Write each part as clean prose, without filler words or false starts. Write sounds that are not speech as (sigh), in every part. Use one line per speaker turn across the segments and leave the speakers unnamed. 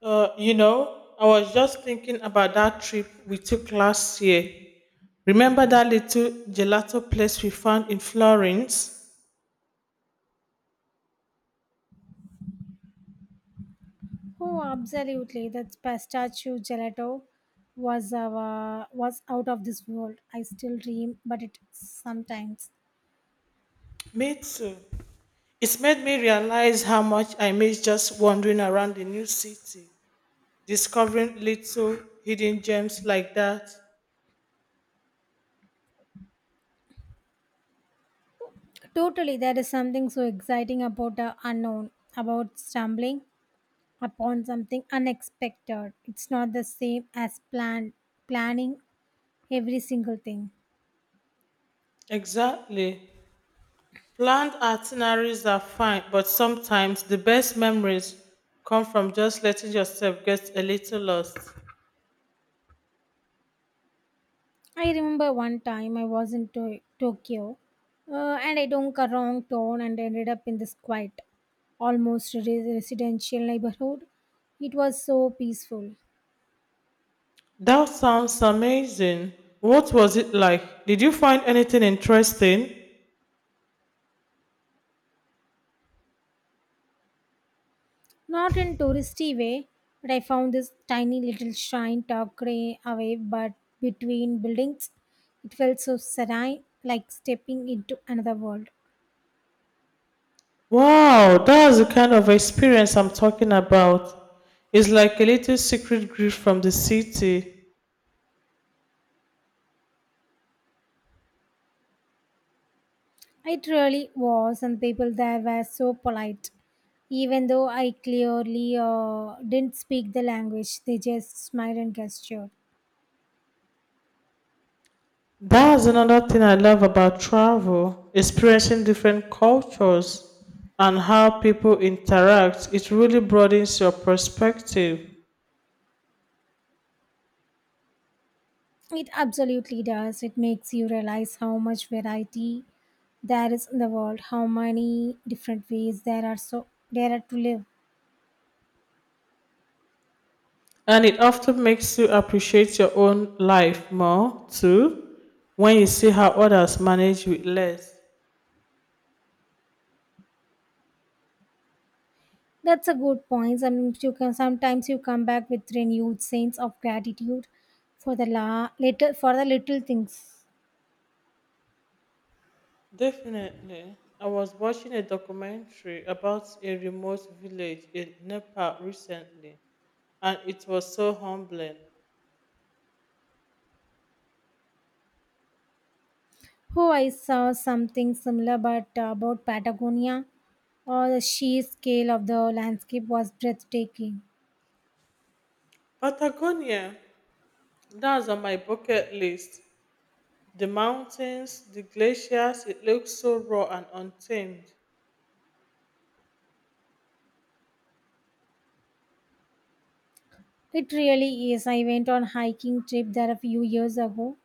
I was just thinking about that trip we took last year. Remember that little gelato place we found in Florence?
Oh, absolutely. That pistachio gelato was out of this world. I still dream, but it sometimes.
Me too. It's made me realize how much I miss just wandering around the new city, discovering little hidden gems like that.
Totally, there is something so exciting about the unknown, about stumbling upon something unexpected. It's not the same as planning every single thing.
Exactly. Planned itineraries are fine, but sometimes the best memories come from just letting yourself get a little lost.
I remember one time I was in Tokyo, and I took a wrong turn and ended up in this quiet, almost residential neighborhood. It was so peaceful.
That sounds amazing. What was it like? Did you find anything interesting?
Not in touristy way, but I found this tiny little shrine tucked away but between buildings. It felt so serene, like stepping into another world.
Wow, that's the kind of experience I'm talking about. It's like a little secret gift from the city.
It really was, and people there were so polite. Even though I clearly didn't speak the language, they just smiled and gestured.
That's another thing I love about travel, experiencing different cultures and how people interact. It really broadens your perspective,
It absolutely does. It makes you realize how much variety there is in the world, how many different ways there are to live.
and it often makes you appreciate your own life more too when you see how others manage with less.
That's a good point. Sometimes you come back with renewed sense of gratitude for the la little for the little things.
Definitely. I was watching a documentary about a remote village in Nepal recently, and it was so humbling.
Oh, I saw something similar, but about Patagonia. Oh, the sheer scale of the landscape was breathtaking.
Patagonia, that's on my bucket list. The mountains, the glaciers, it looks so raw and untamed.
It really is. I went on hiking trip there a few years ago,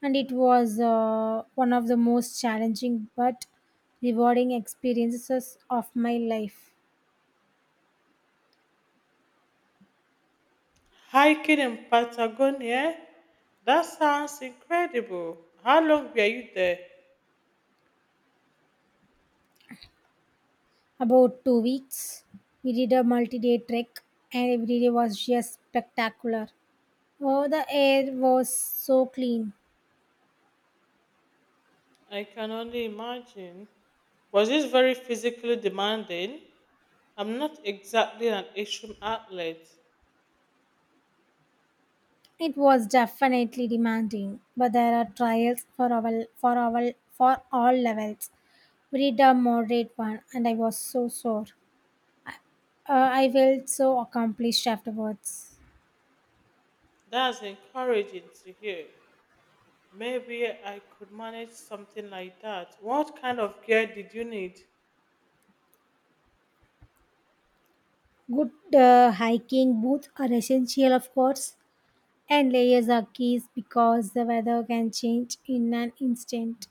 and it was, one of the most challenging but rewarding experiences of my life.
Hiking in Patagonia, that sounds incredible. How long were you there?
About 2 weeks, we did a multi-day trek, and every day was just spectacular. Oh, the air was so clean.
I can only imagine. Was this very physically demanding? I'm not exactly an extreme athlete.
It was definitely demanding, but there are trials for all levels. We did a moderate one, and I was so sore. I felt so accomplished afterwards.
That's encouraging to hear. Maybe I could manage something like that. What kind of gear did you need?
Good, hiking boots are essential, of course, and layers are keys because the weather can change in an instant.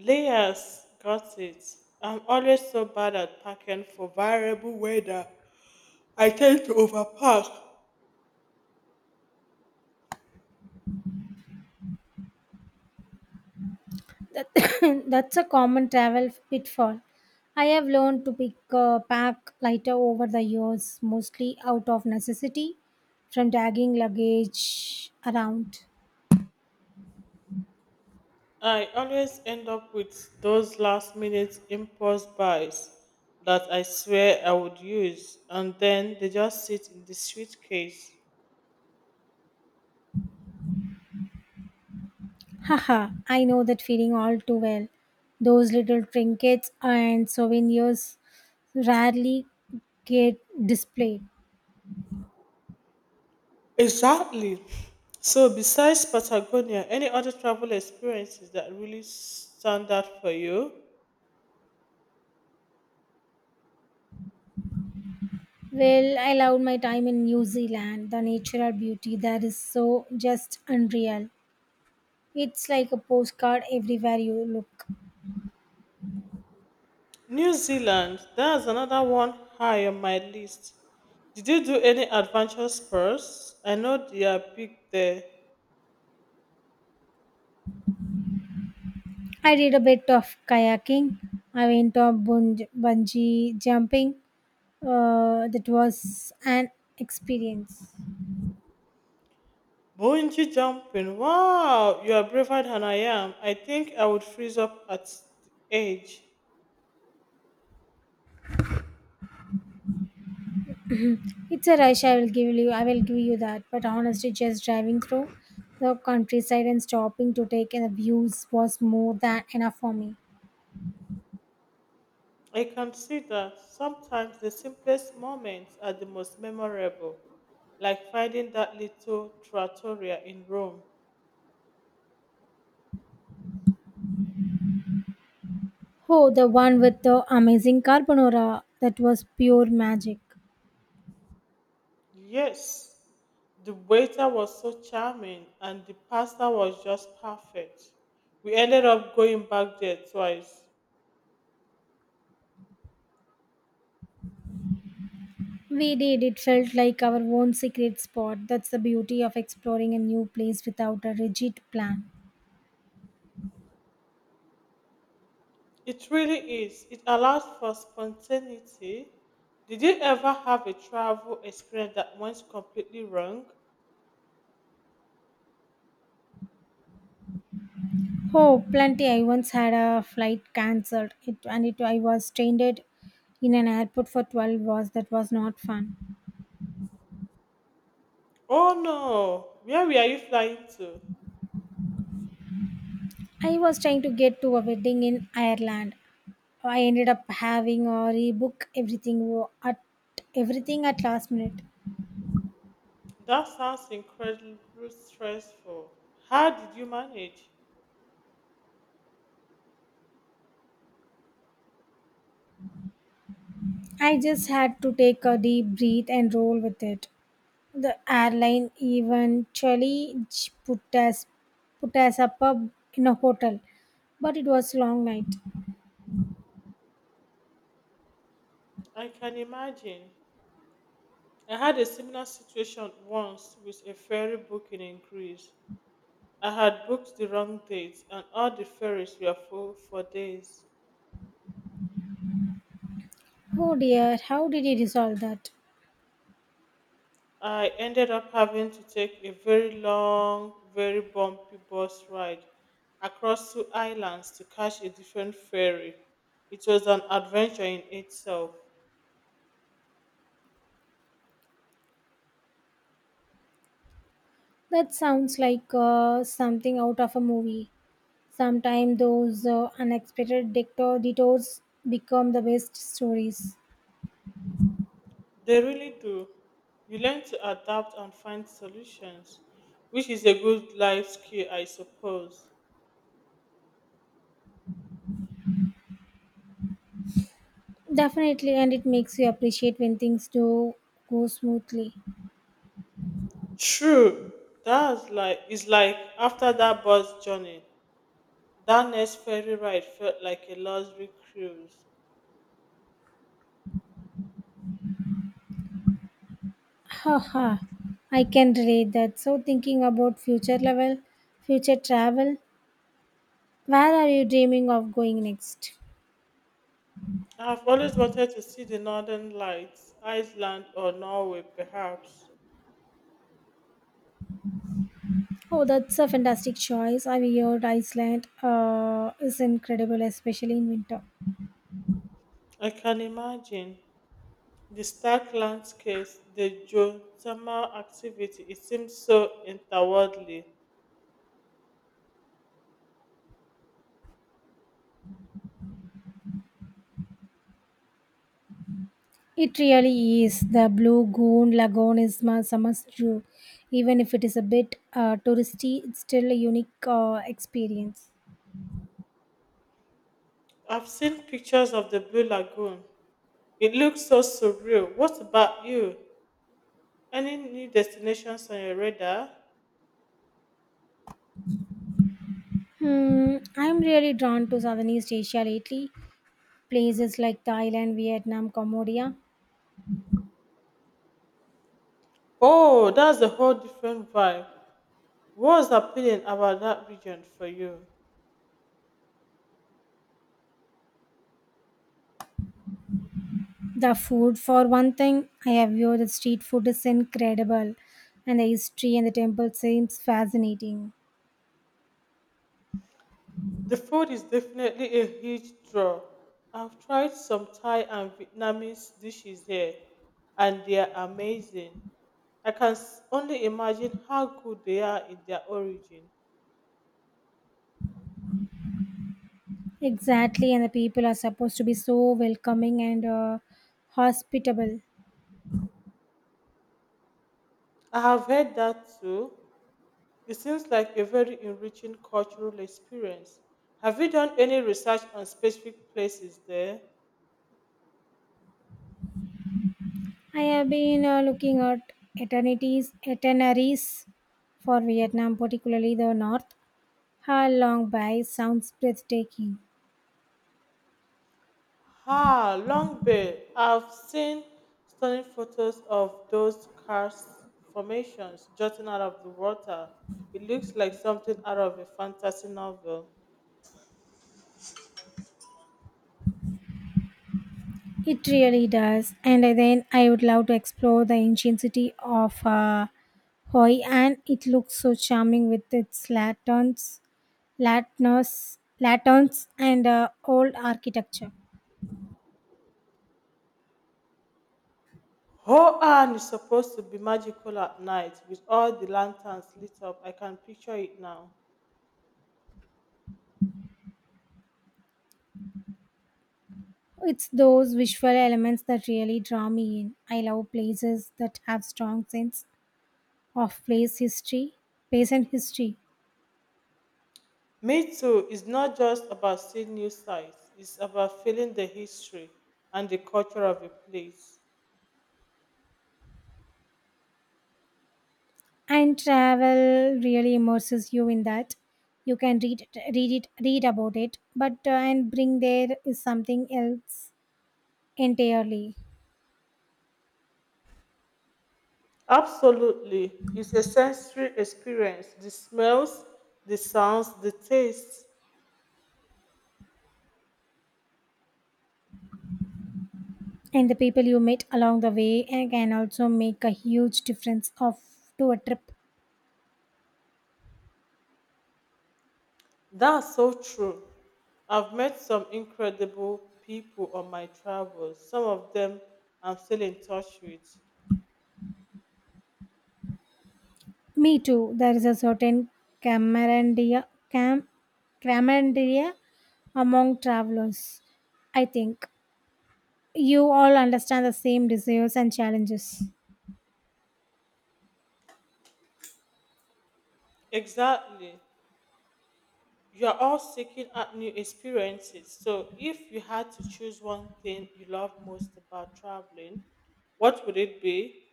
Layers, got it. I'm always so bad at packing for variable weather. I tend to overpack.
(coughs) That's a common travel pitfall. I have learned to pick pack lighter over the years, mostly out of necessity from dragging luggage around.
I always end up with those last minute impulse buys that I swear I would use, and then they just sit in the suitcase.
Haha, I know that feeling all too well. Those little trinkets and souvenirs rarely get displayed.
Exactly. So, besides Patagonia, any other travel experiences that really stand out for you?
Well, I loved my time in New Zealand. The natural beauty there is so just unreal. It's like a postcard everywhere you look.
New Zealand, that's another one high on my list. Did you do any adventure sports? I know they are big there.
I did a bit of kayaking. I went on bungee jumping. That was an experience.
Bungee jumping. Wow, you are braver than I am. I think I would freeze up at the edge.
It's a rush. I will give you that. But honestly, just driving through the countryside and stopping to take in the views was more than enough for me.
I consider sometimes the simplest moments are the most memorable, like finding that little trattoria in Rome.
Oh, the one with the amazing carbonara. That was pure magic.
Yes, the waiter was so charming and the pasta was just perfect. We ended up going back there twice.
We did. It felt like our own secret spot. That's the beauty of exploring a new place without a rigid plan.
It really is. It allows for spontaneity. Did you ever have a travel experience that went completely wrong?
Oh, plenty. I once had a flight cancelled, I was stranded in an airport for 12 hours. That was not fun.
Oh no, where were you flying to?
I was trying to get to a wedding in Ireland. I ended up having or rebook everything at last minute.
That sounds incredibly stressful. How did you manage?
I just had to take a deep breath and roll with it. The airline eventually put us up in a hotel, but it was a long night.
I can imagine. I had a similar situation once with a ferry booking in Greece. I had booked the wrong date and all the ferries were full for days.
Oh dear, how did you resolve that?
I ended up having to take a very long, very bumpy bus ride across two islands to catch a different ferry. It was an adventure in itself.
That sounds like, something out of a movie. Sometimes those, unexpected detours become the best stories.
They really do. You learn to adapt and find solutions, which is a good life skill, I suppose.
Definitely, and it makes you appreciate when things do go smoothly.
True. That's like it's like after that bus journey, that next ferry ride felt like a luxury cruise.
Haha, I can relate that. So, thinking about future travel, where are you dreaming of going next?
I've always wanted to see the northern lights, Iceland or Norway, perhaps.
Oh, that's a fantastic choice. I've heard Iceland, is incredible, especially in winter.
I can imagine the stark landscapes, the geothermal activity. It seems so interworldly.
It really is. The Blue Goon Lagoon is my summer's dream. Even if it is a bit, touristy, it's still a unique, experience.
I've seen pictures of the Blue Lagoon. It looks so surreal. What about you? Any new destinations on your radar?
Hmm, I'm really drawn to Southeast Asia lately. Places like Thailand, Vietnam, Cambodia.
Oh, that's a whole different vibe. What's appealing about that region for you?
The food, for one thing, I have heard the street food is incredible, and the history and the temple seems fascinating.
The food is definitely a huge draw. I've tried some Thai and Vietnamese dishes here, and they are amazing. I can only imagine how good they are in their origin.
Exactly, and the people are supposed to be so welcoming and, hospitable.
I have heard that too. It seems like a very enriching cultural experience. Have you done any research on specific places there?
I have been, looking at itineraries for Vietnam, particularly the north. How Long Bay sounds breathtaking.
Ah, Long Bay. I've seen stunning photos of those karst formations jutting out of the water. It looks like something out of a fantasy novel.
It really does. And then I would love to explore the ancient city of, Hoi An. It looks so charming with its lanterns and, old architecture.
Hoan is supposed to be magical at night with all the lanterns lit up. I can picture it now.
It's those visual elements that really draw me in. I love places that have strong sense of place history, place and history.
Me too is not just about seeing new sights, it's about feeling the history and the culture of a place.
And travel really immerses you in that. You can read read about it, but, and bring there is something else entirely.
Absolutely, it's a sensory experience, the smells, the sounds, the tastes.
And the people you meet along the way and can also make a huge difference of to a trip.
That's so true. I've met some incredible people on my travels, some of them I'm still in touch with.
Me too. There is a certain camaraderie, cam, camaraderie among travelers. I think you all understand the same desires and challenges.
Exactly. You are all seeking out new experiences. So, if you had to choose one thing you love most about traveling, what would it be?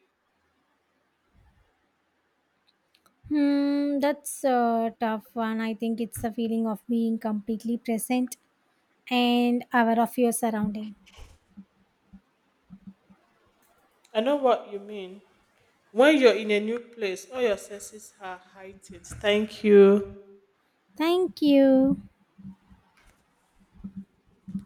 Hmm, that's a tough one. I think it's the feeling of being completely present and aware of your surrounding.
I know what you mean. When you're in a new place, all your senses are heightened. Thank you.
Thank you.